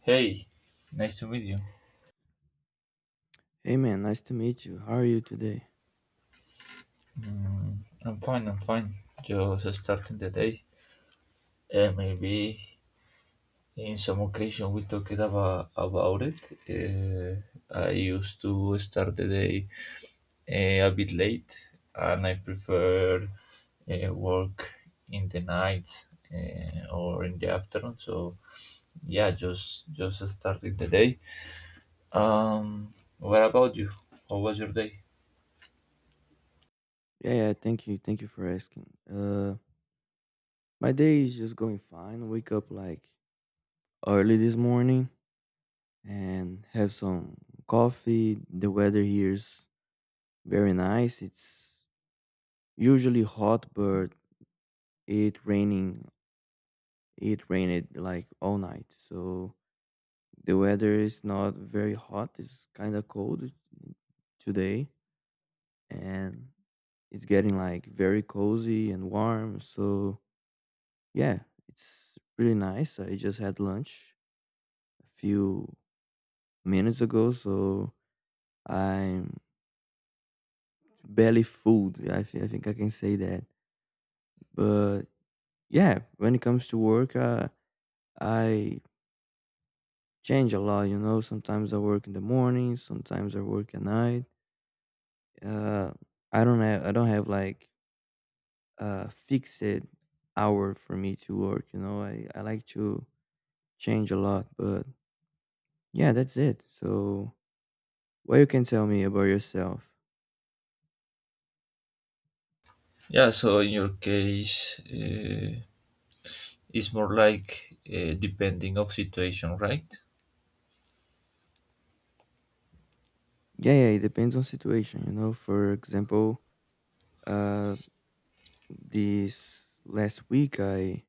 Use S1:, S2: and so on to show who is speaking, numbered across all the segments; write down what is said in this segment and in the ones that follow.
S1: Hey, nice to meet you.
S2: Hey man, nice to meet you. How are you today?
S1: Mm, I'm fine, I'm fine. Just starting the day. Maybe in some occasion we talked about it. I used to start the day a bit late and I prefer work in the nights or in the afternoon. So yeah, just starting the day. Um, what about you? How was your day?
S2: Yeah, yeah, thank you. Thank you for asking. My day is just going fine. Wake up like early this morning and have some coffee. The weather here is very nice. It's usually hot, but it raining it rained like all night. So the weather is not very hot. It's kind of cold today, and it's getting like very cozy and warm. So, yeah, it's really nice. I just had lunch a few minutes ago, so I'm barely full. I think I can say that. But yeah, when it comes to work, I change a lot. You know, sometimes I work in the morning, sometimes I work at night. Uh, I don't have like a fixed hour for me to work. You know, I like to change a lot, but yeah, that's it. So what you can tell me about yourself?
S1: Yeah, so in your case, it's more like depending of situation, right?
S2: Yeah, yeah, it depends on situation, you know. For example, uh, this last week I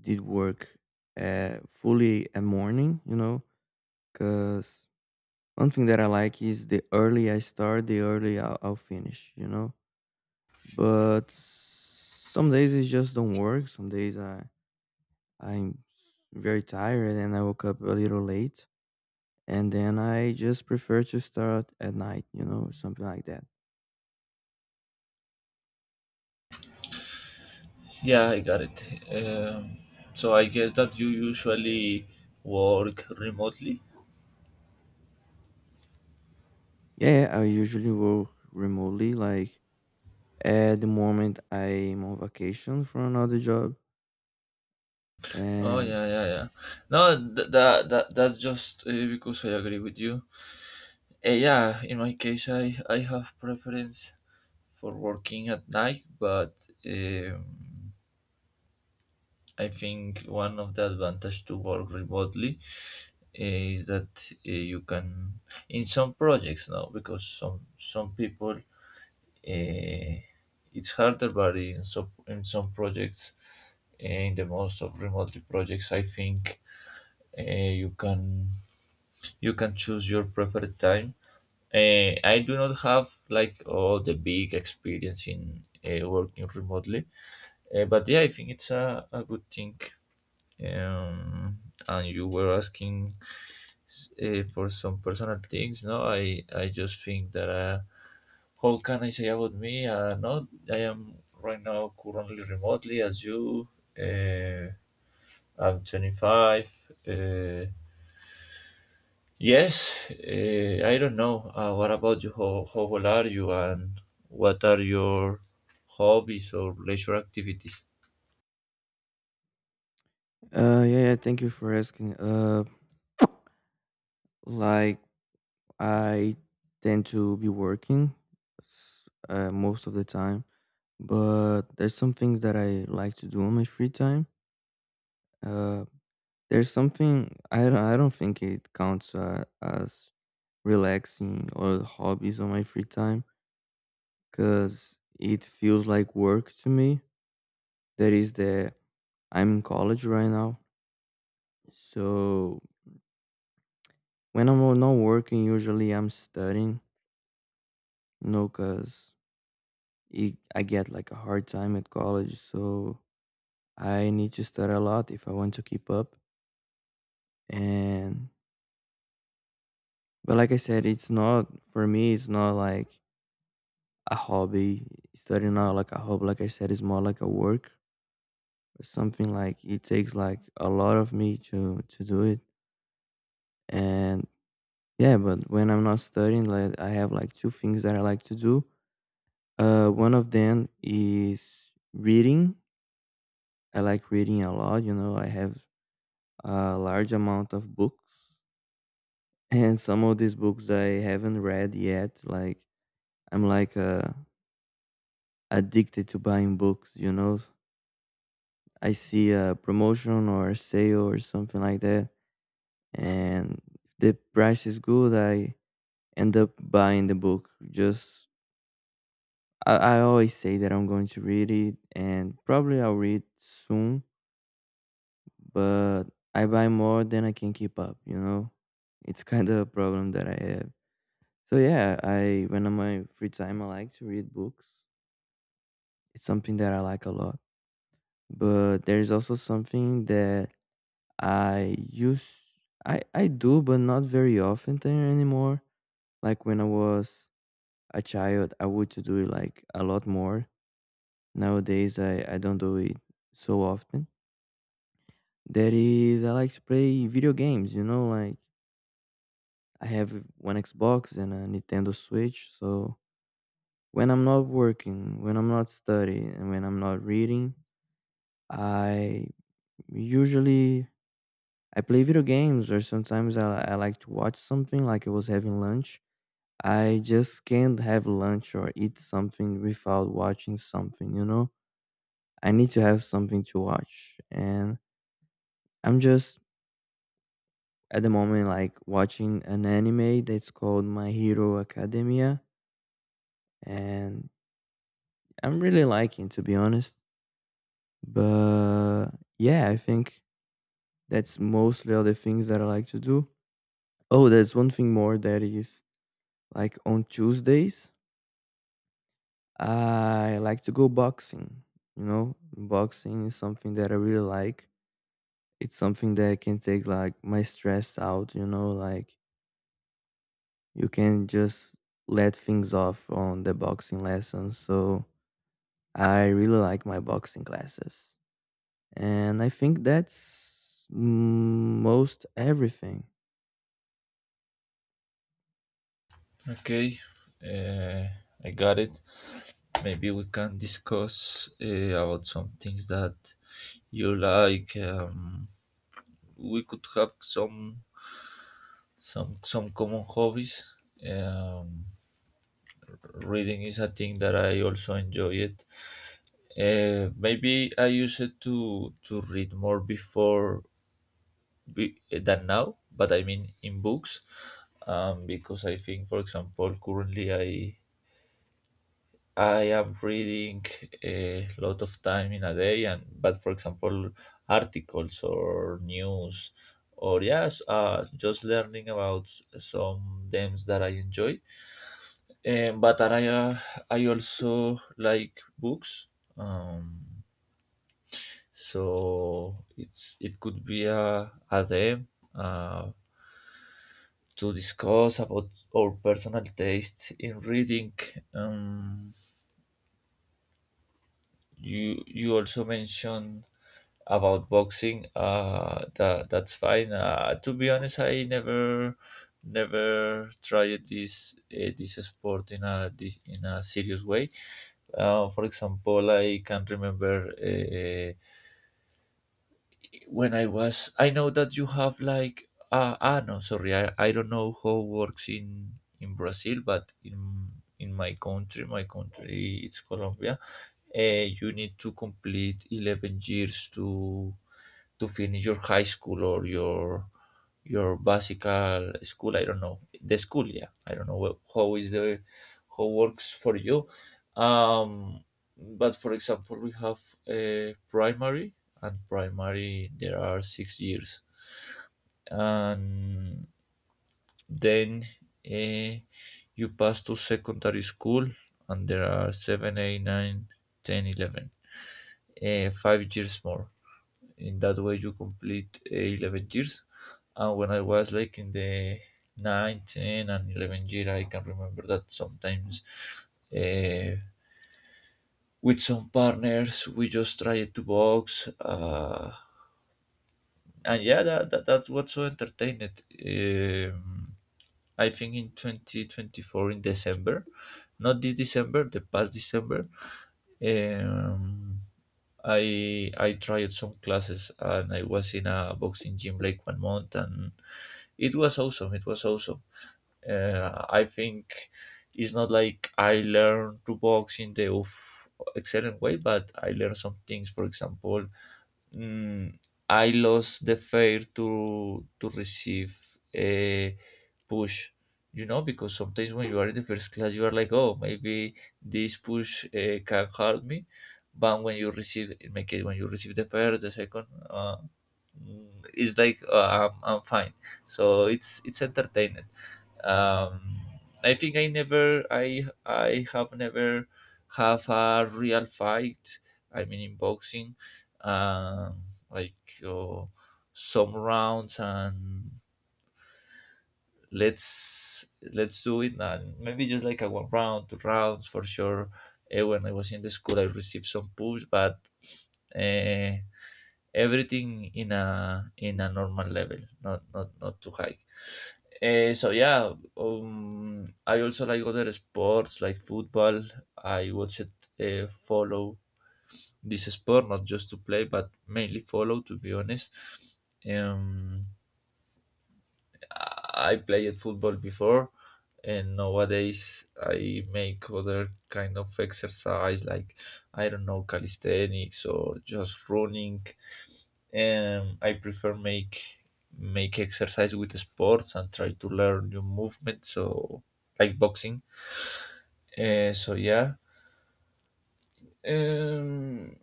S2: did work fully at morning, you know, because one thing that I like is the early I start, the early I'll finish, you know. But some days it just don't work. Some days I'm very tired and I woke up a little late, and then I just prefer to start at night, you know, something like that.
S1: Yeah, I got it. Um, so I guess that you usually work remotely.
S2: Yeah, I usually work remotely. Like at the moment, I'm on vacation from another job,
S1: Oh
S2: and,
S1: yeah, yeah, yeah. No, that's just because I agree with you. Yeah, in my case, I have preference for working at night, but um, I think one of the advantage to work remotely is that you can in some projects now because some people Eh, it's harder, but in some projects, in the most of remote projects, I think uh, you can you can choose your preferred time. I do not have like all the big experience in working remotely. But yeah, I think it's a good thing. Um, and you were asking for some personal things, no? I just think that. How can I say about me? No, I am right now currently remotely as you. Uh, I'm 25. Yes, I don't know. What about you? How old are you and what are your hobbies or leisure activities?
S2: yeah, yeah, thank you for asking. Like I tend to be working most of the time, but there's some things that I like to do on my free time. Uh, there's something I don't think it counts as relaxing or hobbies on my free time 'cause it feels like work to me. That is the I'm in college right now, so when I'm not working, usually I'm studying, you know, 'cause I get like a hard time at college, so I need to study a lot if I want to keep up. And But like I said, it's not for me. It's not like a hobby. Studying not like a hobby. Like I said, it's more like a work. It's something like it takes like a lot of me to do it, and, yeah, but when I'm not studying, like I have like two things that I like to do. One of them is reading. I like reading a lot. You know, I have a large amount of books, and some of these books I haven't read yet. Like I'm like addicted to buying books. You know, I see a promotion or a sale or something like that, and if the price is good, I end up buying the book just I always say that I'm going to read it, and probably I'll read soon, but I buy more than I can keep up, you know? It's kind of a problem that I have. So yeah, I when I'm my free time I like to read books. It's something that I like a lot. But there's also something that I use I do but not very often there anymore. Like when I was a child, I would to do it like a lot more. Nowadays I don't do it so often. That is, I like to play video games, you know, like I have one Xbox and a Nintendo Switch. So when I'm not working, when I'm not studying, and when I'm not reading, I usually I play video games, or sometimes I like to watch something like I was having lunch. I just can't have lunch or eat something without watching something, you know? I need to have something to watch. And, I'm just at the moment, like watching an anime that's called My Hero Academia, and I'm really liking, to be honest. But yeah, I think that's mostly all the things that I like to do. Oh, there's one thing more that is like on Tuesdays, I like to go boxing. You know, boxing is something that I really like. It's something that can take like my stress out, you know, like you can just let things off on the boxing lessons. So I really like my boxing classes. And I think that's most everything.
S1: Okay, uh, I got it. Maybe we can discuss about some things that you like. We could have some common hobbies. Um, Reading is a thing that I also enjoy it. Maybe I used it to read more before be, than now, but I mean in books, because I think, for example, currently I am reading a lot of time in a day, and but for example, articles or news, or yes, just learning about some themes that I enjoy. But I also like books. Um, so it's it could be a day uh, to discuss about our personal tastes in reading. Um, you you also mentioned about boxing. That's fine. To be honest, I never never tried this sport in a serious way. For example, I can remember when I was. I know that you have like. Ah, no, sorry. I don't know how works in Brazil, but in my country it's Colombia. You need to complete 11 years to finish your high school or your basical school. I don't know the school. Yeah, I don't know what, how is the how works for you. Um, but for example, we have a primary, and primary there are 6 years, and then uh, you pass to secondary school, and there are seven, eight, nine, ten, 11, 5 years more. In that way you complete 11 years, and when I was like in the 9 10 and 11 year, I can remember that sometimes uh, with some partners we just tried to box and yeah that's what's so entertaining. um, I think in 2024 in december, not this december, the past december. um, I tried some classes and I was in a boxing gym like 1 month, and it was awesome. It was awesome. I think it's not like I learned to box in the of excellent way, but I learned some things. For example, mm, I lost the fear to receive a push. You know, because sometimes when you are in the first class, you are like, oh, maybe this push can hurt me. But when you receive, in my case, when you receive the first, the second, mm, it's like I'm fine. So it's entertaining. um, I think I never I have never have a real fight. I mean in boxing, um, like uh, some rounds and let's let's do it, and maybe just like a 1 round, 2 rounds for sure. When I was in the school, I received some push, but uh, everything in a normal level, not too high. So yeah, I also like other sports like football. I watch it, follow this sport not just to play, but mainly follow. To be honest, um, I played football before, and nowadays I make other kind of exercise like I don't know calisthenics or just running. I prefer make exercise with sports and try to learn new movement. So like boxing. So yeah. Um,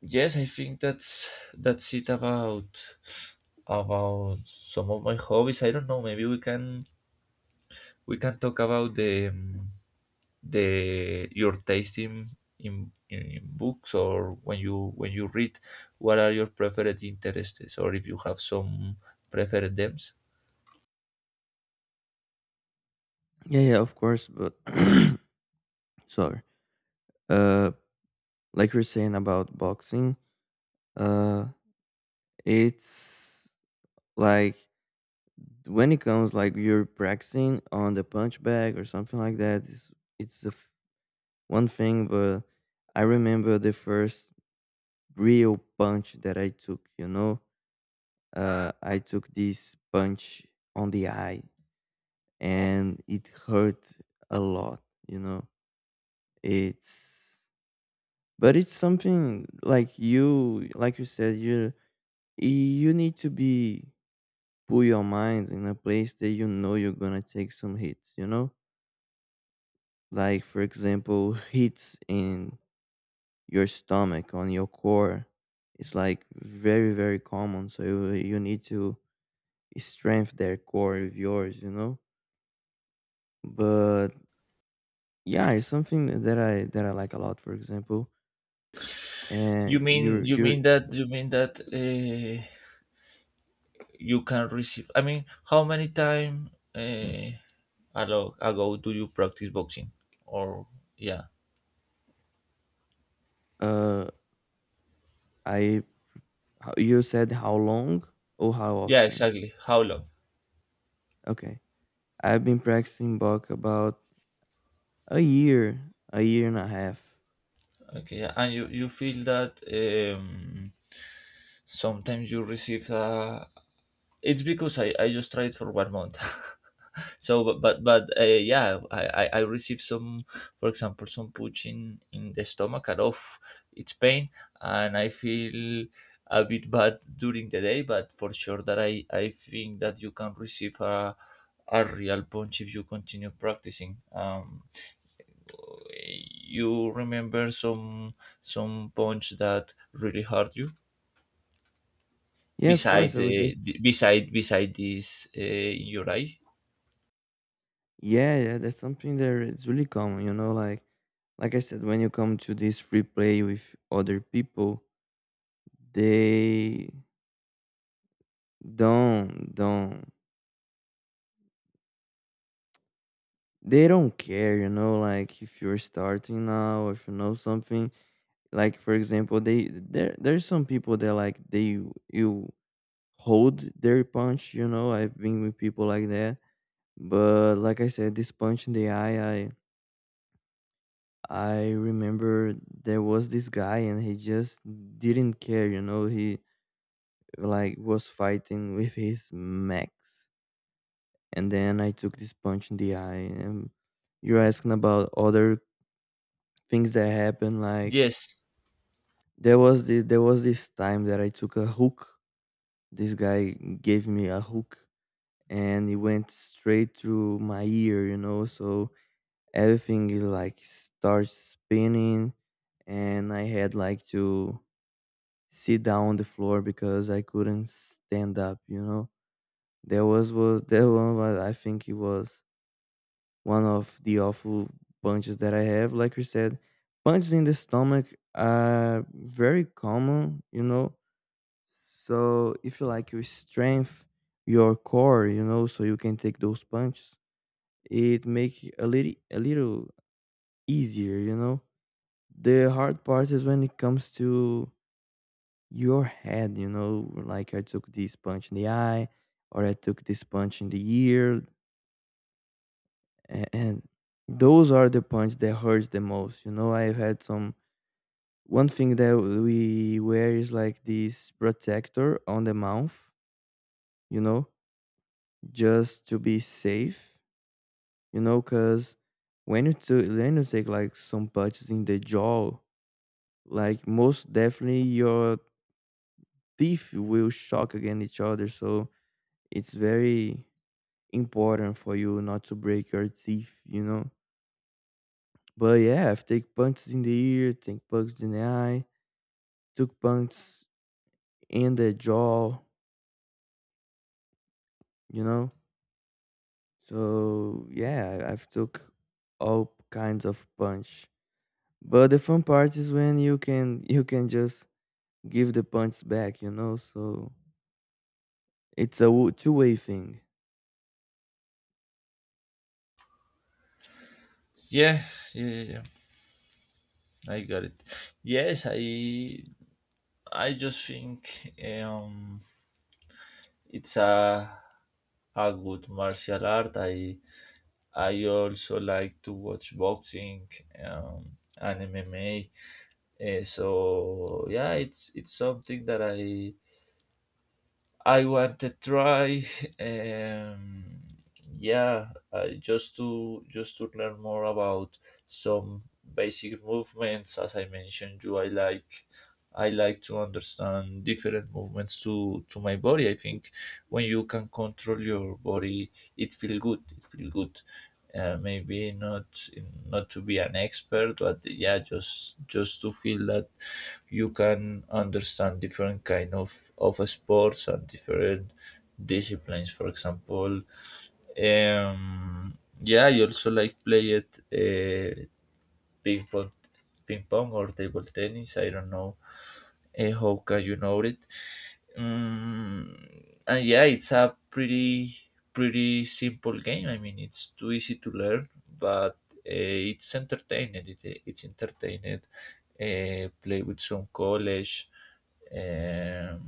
S1: yes, I think that's it about some of my hobbies. I don't know. Maybe we can talk about the your taste in, in books or when you read. What are your preferred interests, or if you have some preferred them?
S2: Yeah, yeah, of course, but sorry. Uh like you're saying about boxing, uh it's like when it comes like you're practicing on the punch bag or something like that, it's the one thing, but I remember the first real punch that I took, you know? I took this punch on the eye, and it hurt a lot, you know. It's But it's something like, you like you said, you need to be put your mind in a place that you know you're gonna take some hits, you know. Like for example hits in your stomach on your core, it's like very very common, so you need to strengthen their core of yours, you know. But yeah, it's something that I like a lot. For example.
S1: You
S2: And
S1: mean that you can receive? I mean, how many time ago do you practice boxing? Or yeah,
S2: uh I you said, how long or how
S1: yeah,
S2: often?
S1: exactly. How long?
S2: Okay. I've been practicing Bach about a year, a year and a half.
S1: Okay, yeah. And you feel that sometimes you receive a, it's because I just tried for 1 month. So but yeah, I I received some, for example some punch in the stomach and off it's pain, and I feel a bit bad during the day, but for sure that i think that you can receive a real punch if you continue practicing. Um, you remember some punch that really hurt you,
S2: Yeah, of course.
S1: besides
S2: I was just.
S1: beside beside this in your eye?
S2: Yeah, yeah, that's something that it's really common, you know, like I said, when you come to this free play with other people, they don't don't they don't care, you know, like if you're starting now, if you know something, like for example, they there there's some people that, like, they you hold their punch, you know. I've been with people like that, but like I said, this punch in the eye, I remember there was this guy, and he just didn't care, you know. He like was fighting with his max, and then I took this punch in the eye. And you're asking about other things that happened, like
S1: Yes,
S2: there was this time that I took a hook. This guy gave me a hook, and it went straight through my ear, you know, so everything is like starts spinning, and I had like to sit down on the floor because I couldn't stand up, you know. There was that one was, I think it was one of the awful punches that I have. Like you said, punches in the stomach are very common, you know. So if you like your strength, your core, you know, so you can take those punches, it make a little easier, you know. The hard part is when it comes to your head, you know, like I took this punch in the eye or I took this punch in the ear, and those are the punches that hurts the most. You know, I've had some One thing that we wear is like this protector on the mouth, you know, just to be safe, you know, because when you take like some punches in the jaw, like most definitely your teeth will shock against each other. So it's very important for you not to break your teeth, you know. But yeah, I've take punches in the ear, take punches in the eye, took punches in the jaw, you know. So yeah, I've took all kinds of punch. But the fun part is when you can just give the punts back, you know. So it's a two-way thing.
S1: yeah, yeah, yeah, yeah. I got it. Yes, I just think it's a good martial art. I also like to watch boxing and MMA. So yeah, it's something that I want to try, um, yeah, just to learn more about some basic movements. As I mentioned you, I like to understand different movements to my body. I think when you can control your body, it feel good. It feel good. Maybe not not to be an expert, but yeah, just to feel that you can understand different kind of sports and different disciplines for example. Yeah, I also like play it ping pong, ping pong or table tennis. I don't know. How can you know it. Mm, and yeah, it's a pretty pretty simple game. I mean, it's too easy to learn, but it's entertaining. It, it's entertaining. Play with some college um,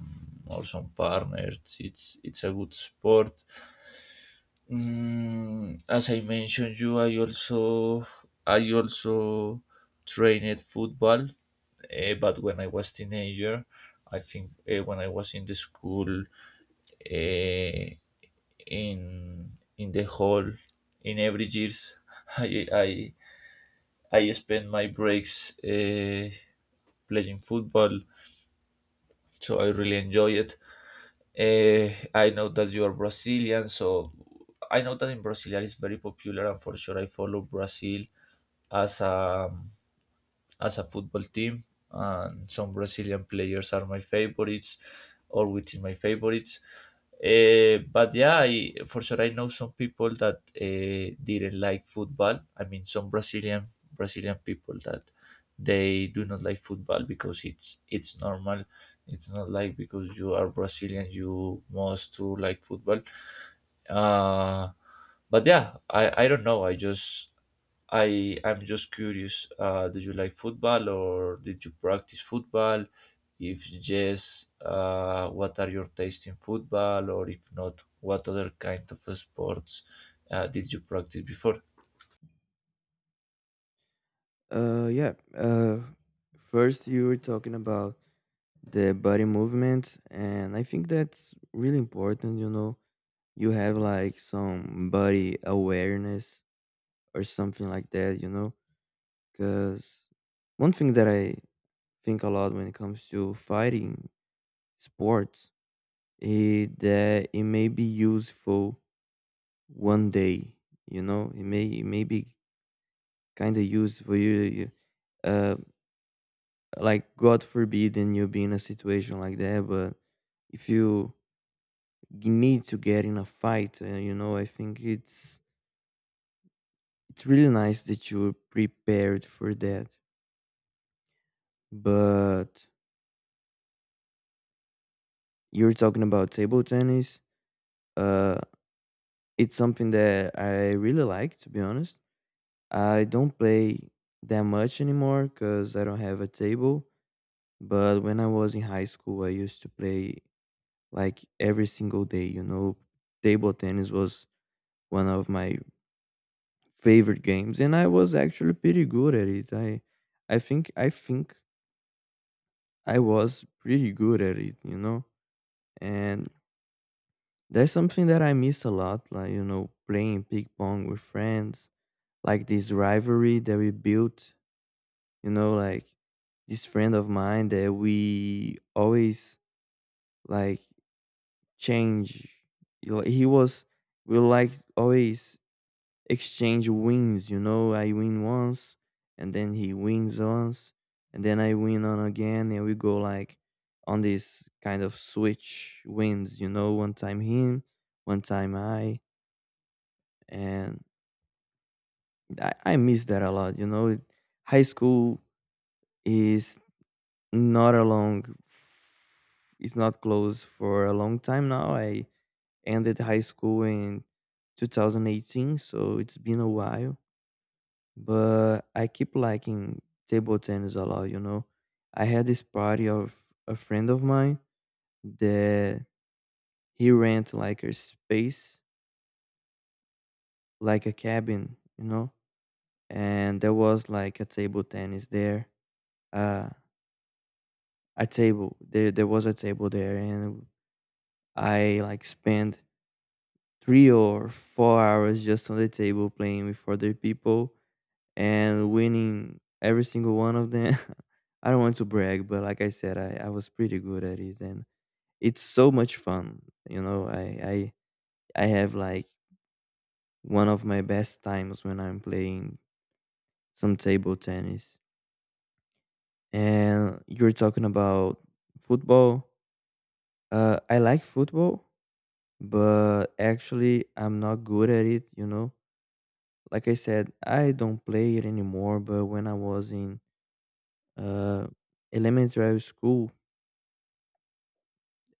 S1: or some partners. It's a good sport. Mm, as I mentioned you, I also trained football, but when I was teenager, I think when I was in the school, eh, in in the hall, in every years, I I I spend my breaks playing football, so I really enjoy it. I know that you are Brazilian, so I know that in Brazil it's very popular, and for sure I follow Brazil as a as a football team, and some Brazilian players are my favorites, or which is my favorites. But yeah, I, for sure, I know some people that didn't like football. I mean, some Brazilian people that they do not like football because it's normal. It's not like because you are Brazilian you must to like football, uh but yeah i don't know I just i'm just curious, did you like football or did you practice football? If yes, what are your tastes in football, or if not, what other kind of sports did you practice before?
S2: Yeah. First you were talking about the body movement, and I think that's really important. You know, you have like some body awareness or something like that. You know, because one thing that I think a lot when it comes to fighting sports is that it may be useful one day, you know, it may be kind of used for you, uh like god forbid, and you be in a situation like that. But if you need to get in a fight, you know, I think it's really nice that you're prepared for that. But you're talking about table tennis. uh it's something that I really like, to be honest. I don't play that much anymore because I don't have a table. But when I was in high school, I used to play like every single day, you know. Table tennis was one of my favorite games, and I was actually pretty good at it. I think I was pretty good at it, you know. And that's something that I miss a lot, like, you know, playing ping pong with friends, like this rivalry that we built, you know, like this friend of mine that we always like change. You know, He was we like always exchange wins. You know, I win once, and then he wins once, and then I win on again, and we go like on this kind of switch wins. You know, one time him, one time I, and I miss that a lot. You know, high school is not a long. It's not close for a long time now. I ended high school in 2018, so it's been a while. But I keep liking table tennis a lot, you know. I had this party of a friend of mine that he rent like a space, like a cabin, you know, and there was like a table tennis there. Uh a table. There was a table there and I like spent 3 or 4 hours just on the table playing with other people and winning every single one of them. I don't want to brag, but like I said, I was pretty good at it, and it's so much fun. You know, I have like one of my best times when I'm playing some table tennis. And you're talking about football. I like football, but actually, I'm not good at it. You know, like I said, I don't play it anymore. But when I was in uh, elementary school,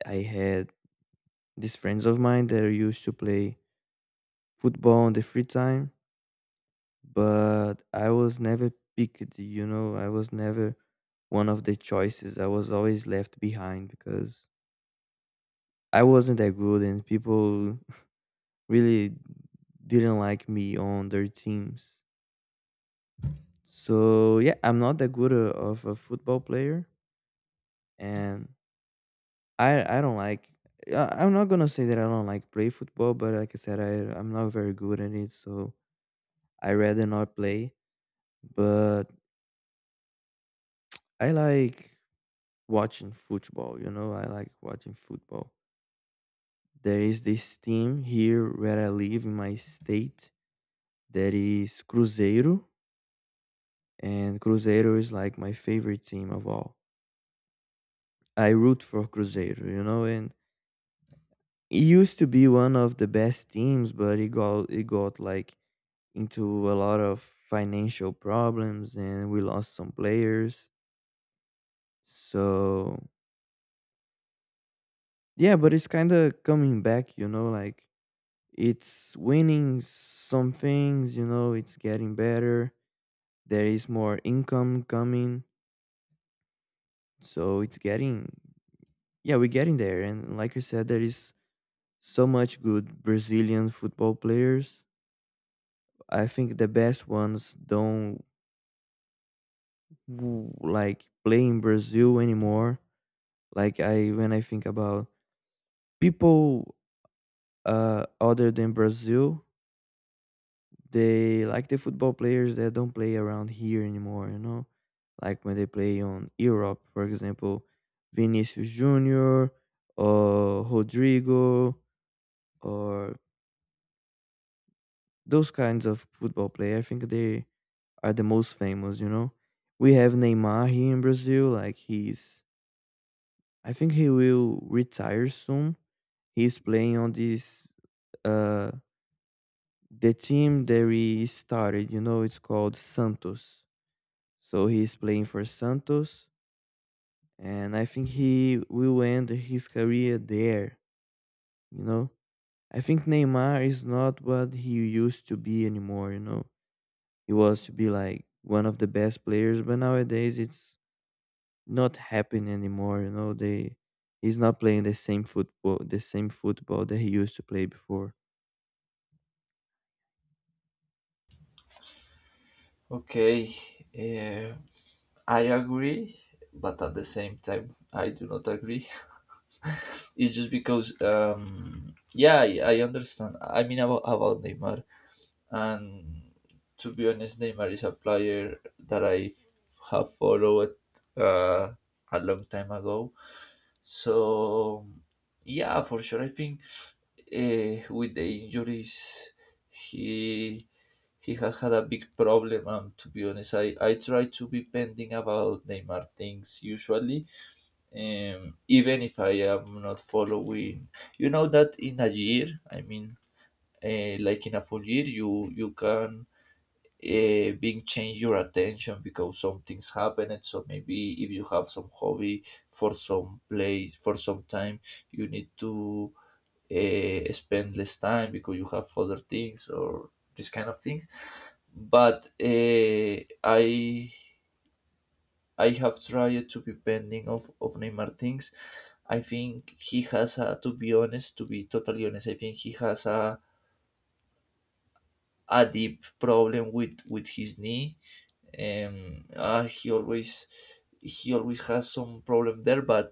S2: I had these friends of mine that used to play football on the free time, but I was never picked, you know, I was never one of the choices. I was always left behind because I wasn't that good and people really didn't like me on their teams. So yeah, I'm not that good of a football player and I don't like I'm not gonna say that I don't like play football, but like I said, I'm not very good at it. So I rather not play, but I like watching football, you know, I like watching football. There is this team here where I live in my state that is Cruzeiro, and Cruzeiro is like my favorite team of all. I root for Cruzeiro, you know, and it used to be one of the best teams, but it got like into a lot of financial problems and we lost some players. So yeah, but it's kind of coming back, you know, like it's winning some things, you know, it's getting better. There is more income coming. So it's getting, yeah, we're getting there. And like you said, there is so much good Brazilian football players. I think the best ones don't like play in Brazil anymore. Like when I think about people other than Brazil, they like the football players that don't play around here anymore, you know? Like when they play on Europe, for example, Vinicius Junior or Rodrigo or those kinds of football players. I think they are the most famous, you know? We have Neymar here in Brazil, like he's I think he will retire soon. He's playing on this uh the team that he started, you know, it's called Santos. So he's playing for Santos, and I think he will end his career there, you know? I think Neymar is not what he used to be anymore, you know? He was to be like one of the best players, but nowadays it's not happening anymore, you know? They he's not playing the same football that he used to play before.
S1: Okay, uh, I agree, but at the same time I do not agree. It's just because yeah I understand I mean about neymar. And to be honest, Neymar is a player that I have followed uh, a long time ago. So yeah, for sure, I think with the injuries he he has had a big problem. And to be honest, I try to be pending about Neymar things usually, even if I am not following. You know that in a year, I mean, like in a full year, you can being change your attention because something's happened. So maybe if you have some hobby for some place for some time you need to spend less time because you have other things or this kind of things, but uh, i i have tried to be pending of Neymar things. I think he has a, to be honest, to be totally honest, I think he has a deep problem with his knee. He always has some problem there, but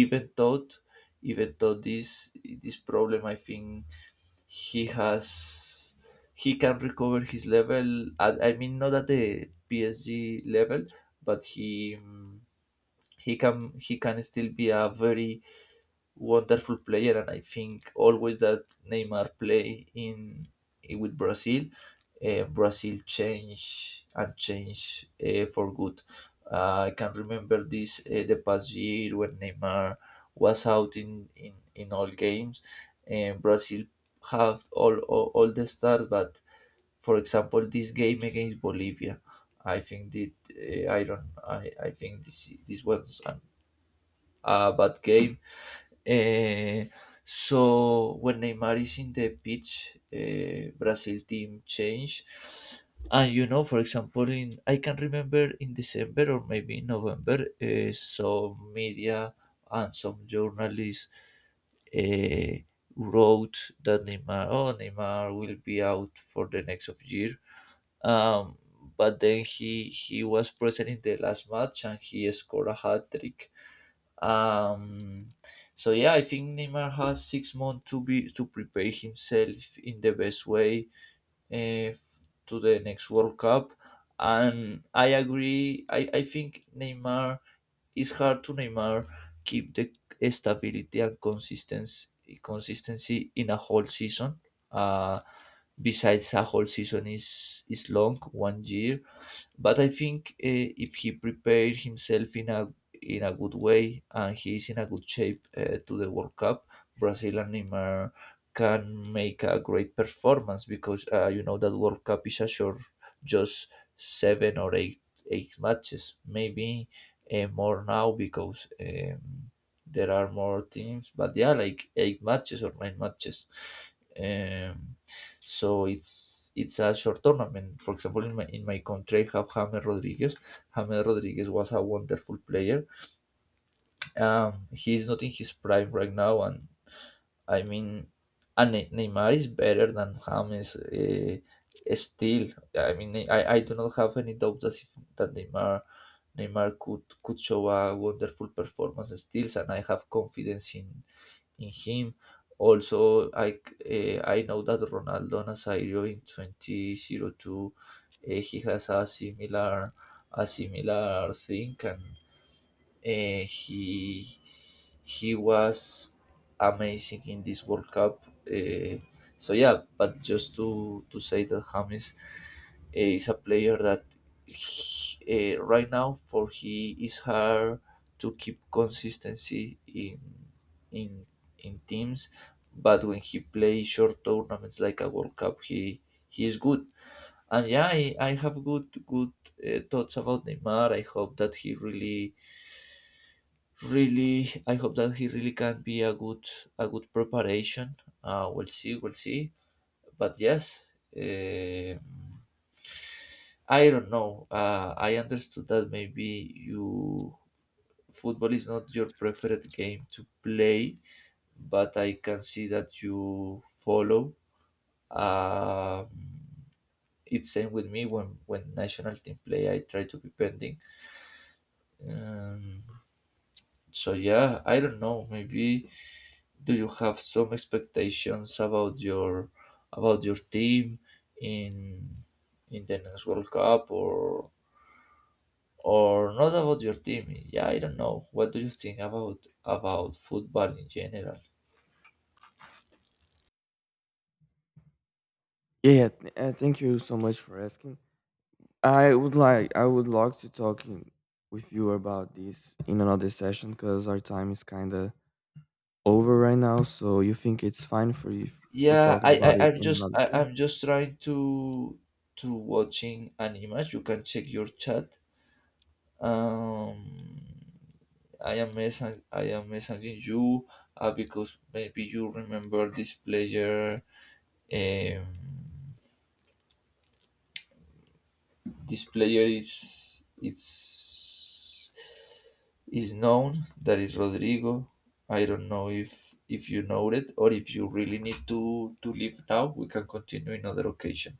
S1: even though this problem, I think he has he can recover his level. At, I mean, not at the PSG level, but he can still be a very wonderful player, and I think always that Neymar play in with Brazil, Brazil change and change for good. I can remember this the past year when Neymar was out in in all games, and Brazil have all, all the stars, but for example, this game against Bolivia, I think that I don't, I think this was an a bad game. Uh, so when Neymar is in the pitch, Brazil team change. And you know, for example, in I can remember in December or maybe in November, some media and some journalists uh, wrote that Neymar, oh, Neymar will be out for the next of year. Um, but then he was present in the last match and he scored a hat trick. Um, so yeah, I think Neymar has six months to be to prepare himself in the best way uh, f- to the next World Cup, and I agree. I think Neymar it's hard to Neymar keep the stability and consistency consistency in a whole season. Uh, Besides a whole season is long, one year, but I think if he prepared himself in a good way and he is in a good shape to the World Cup, Brazil and Neymar can make a great performance because you know that World Cup is a short, just seven or eight eight matches, maybe more now because there are more teams. But yeah, like eight matches or nine matches. Um, so it's a short tournament. For example, in my country, I have James Rodriguez. James Rodriguez was a wonderful player. He's not in his prime right now, and I mean, and Neymar is better than James. Still, I mean, I do not have any doubts that if, that Neymar Neymar could show a wonderful performance still, and I have confidence in him. Also, I know that Ronaldo Nazario in 2002 he has a similar thing, and uh, he he was amazing in this World Cup. So yeah, but just to say that James is a player that he, right now for he is hard to keep consistency in in teams, but when he plays short tournaments like a World Cup, he is good. And yeah, I have good good thoughts about Neymar. I hope that he really can be a good preparation. We'll see, we'll see. But yes, eh, I don't know. I understood that maybe you football is not your preferred game to play, but I can see that you follow. Um, it's same with me when national team play. I try to be pending. Um, so yeah, I don't know. Maybe. Do you have some expectations about your team in in the next World Cup, or not about your team? Yeah, I don't know. What do you think about football in general?
S2: Yeah, yeah, thank you so much for asking. I would like to talking with you about this in another session because our time is kind of over right now. So you think it's fine for you if we're
S1: Yeah,
S2: talking about it in another session?
S1: I'm just trying to watching an image. You can check your chat. Um, I am messaging you because maybe you remember this player. Um, This player is it's is known that is Rodrigo. I don't know if you know it or if you really need to leave now. We can continue another occasion.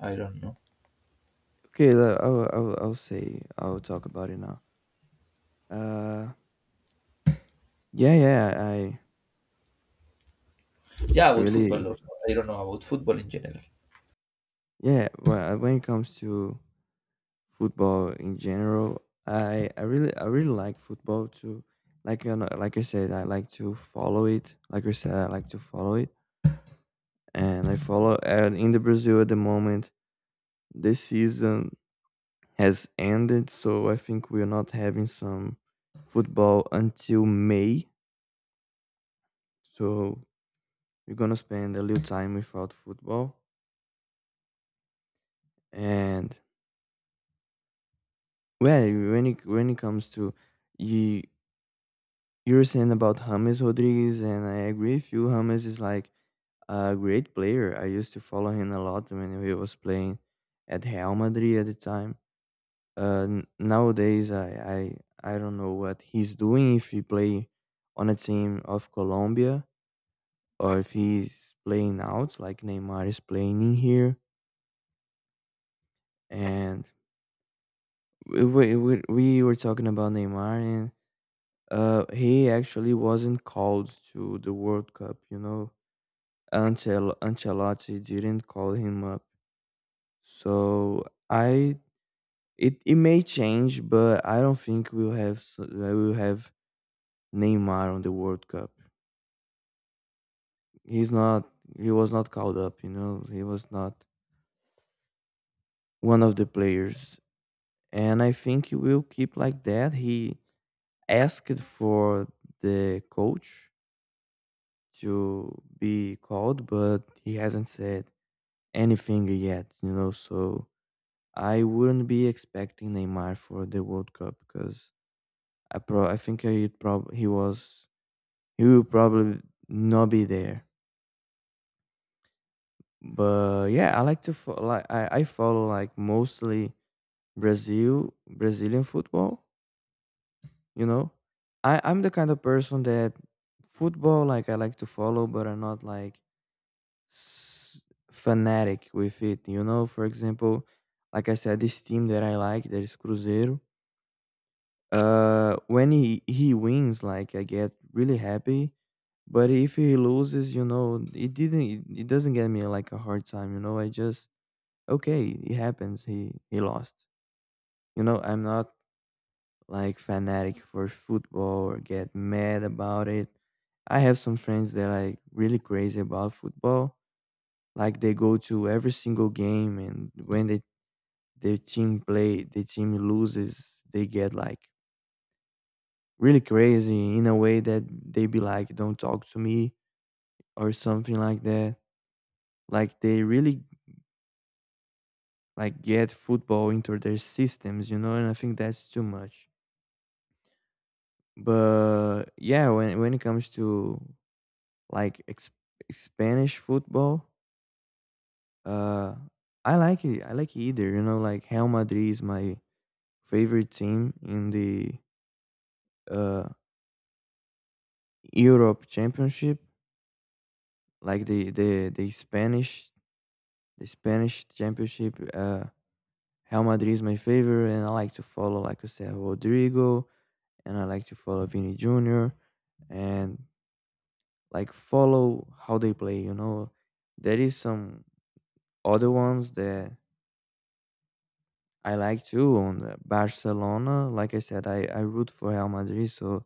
S1: I don't know.
S2: Okay, I'll say I'll talk about it now. Uh, yeah, yeah, I
S1: Yeah, about
S2: really
S1: football. Or, I don't know about football in general.
S2: yeah. Well, when it comes to football in general, I really I really like football too. Like you know, like I said, I like to follow it. Like I said, I like to follow it and I follow. And in the Brazil at the moment, this season has ended, so I think we're not having some football until May. So we're gonna spend a little time without football. And well, when it comes to you, you were saying about James Rodriguez, and I agree with you. James is like a great player. I used to follow him a lot when he was playing at Real Madrid at the time. Nowadays, I don't know what he's doing. If he play on a team of Colombia or if he's playing out like Neymar is playing in here. And we were talking about Neymar, and he actually wasn't called to the World Cup. You know, Ancelotti didn't call him up. So I it it may change, but I don't think we'll have we'll have Neymar on the World Cup. He's not he was not called up, you know, he was not one of the players, and I think he will keep like that. He asked for the coach to be called, but he hasn't said anything yet, you know, so I wouldn't be expecting Neymar for the World Cup because I think he was he will probably not be there. But yeah, I like to like I follow like mostly Brazil, Brazilian football, you know? I'm the kind of person that football, like, I like to follow, but I'm not like s- fanatic with it, you know? For example, like I said, this team that I like, that is Cruzeiro, when he wins, like, I get really happy. But if he loses, you know, it didn't, it doesn't get me like a hard time, you know? I just, okay, it happens. He lost. You know, I'm not like fanatic for football or get mad about it. I have some friends that are like really crazy about football. Like they go to every single game and when they their team play the team loses, they get like really crazy in a way that they be like, don't talk to me or something like that. Like they really like get football into their systems, you know, and I think that's too much. But yeah, when it comes to like Spanish football. Uh, I like it. I like it either. You know, like Real Madrid is my favorite team in the uh, Europe Championship, like the Spanish Championship. Real Madrid is my favorite, and I like to follow, like I said, Rodrigo, and I like to follow Vini Junior, and like follow how they play. You know, there is some other ones that I like too on the Barcelona. Like I said, I root for Real Madrid, so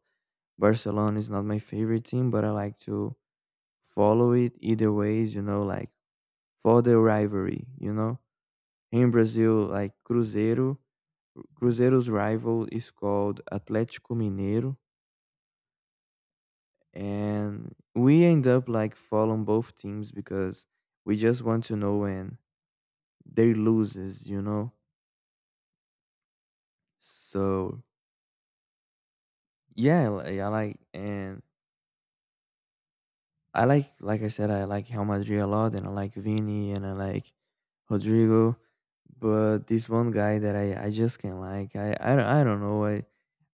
S2: Barcelona is not my favorite team, but I like to follow it either ways, you know, like for the rivalry, you know. In Brazil, like Cruzeiro, Cruzeiro's rival is called Atlético Mineiro, and we end up like following both teams because we just want to know when they loses, you know. So yeah, I like and I like I said, I like Real Madrid a lot, and I like Vini, and I like Rodrigo, but this one guy that I just can't like. I don't know.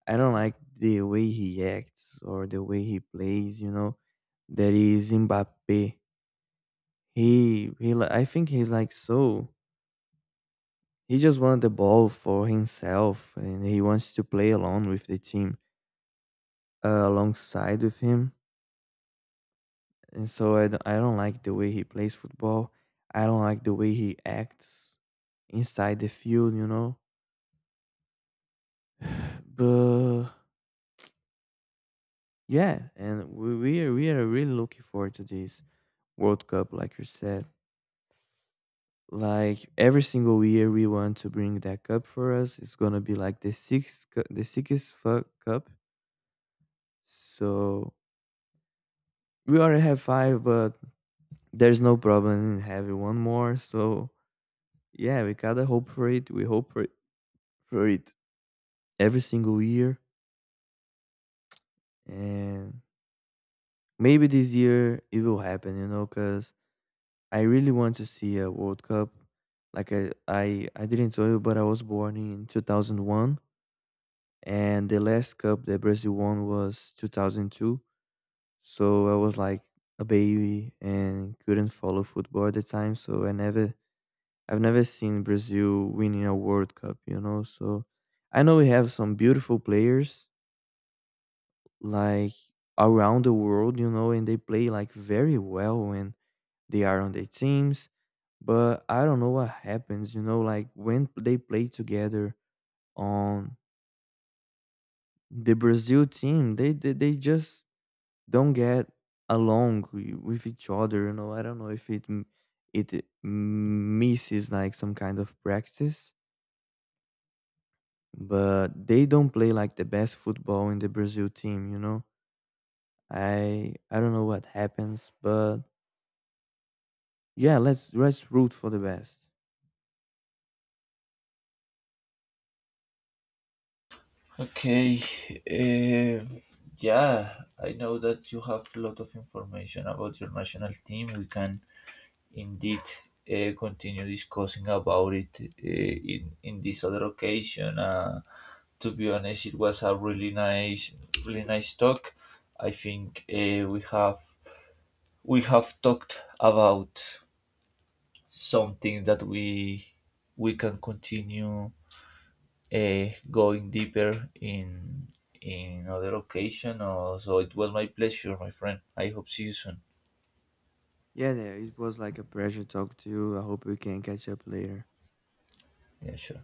S2: I don't like the way he acts or the way he plays. You know, that is Mbappe. I think he's like so. He just wants the ball for himself, and he wants to play alone with the team, alongside with him, and so I don't like the way he plays football. I don't like the way he acts inside the field, you know. But yeah, and we are really looking forward to this World Cup, like you said. Like every single year, we want to bring that cup for us. It's gonna be like the sixth, the sixth cup. So we already have five, but there's no problem in having one more. So yeah, we gotta hope for it. We hope for it every single year, and maybe this year it will happen, you know, because I really want to see a World Cup. Like I didn't tell you, but I was born in 2001, and the last cup that Brazil won was 2002, so I was like a baby and couldn't follow football at the time, so I've never seen Brazil winning a World Cup, you know. So I know we have some beautiful players like around the world, you know, and they play like very well when they are on their teams. But I don't know what happens, you know, like when they play together on the Brazil team, they just don't get along with each other, you know. I don't know if it misses like some kind of practice, but they don't play like the best football in the Brazil team, you know. I don't know what happens, but yeah, let's root for the best.
S1: Okay. Um, yeah, I know that you have a lot of information about your national team. We can indeed continue discussing about it in this other occasion. To be honest, it was a really nice talk. I think we have talked about something that we can continue going deeper in other occasion. So it was my pleasure, my friend. I hope see you soon.
S2: Yeah, yeah, it was like a pleasure talking to you. I hope we can catch up later.
S1: Yeah, sure.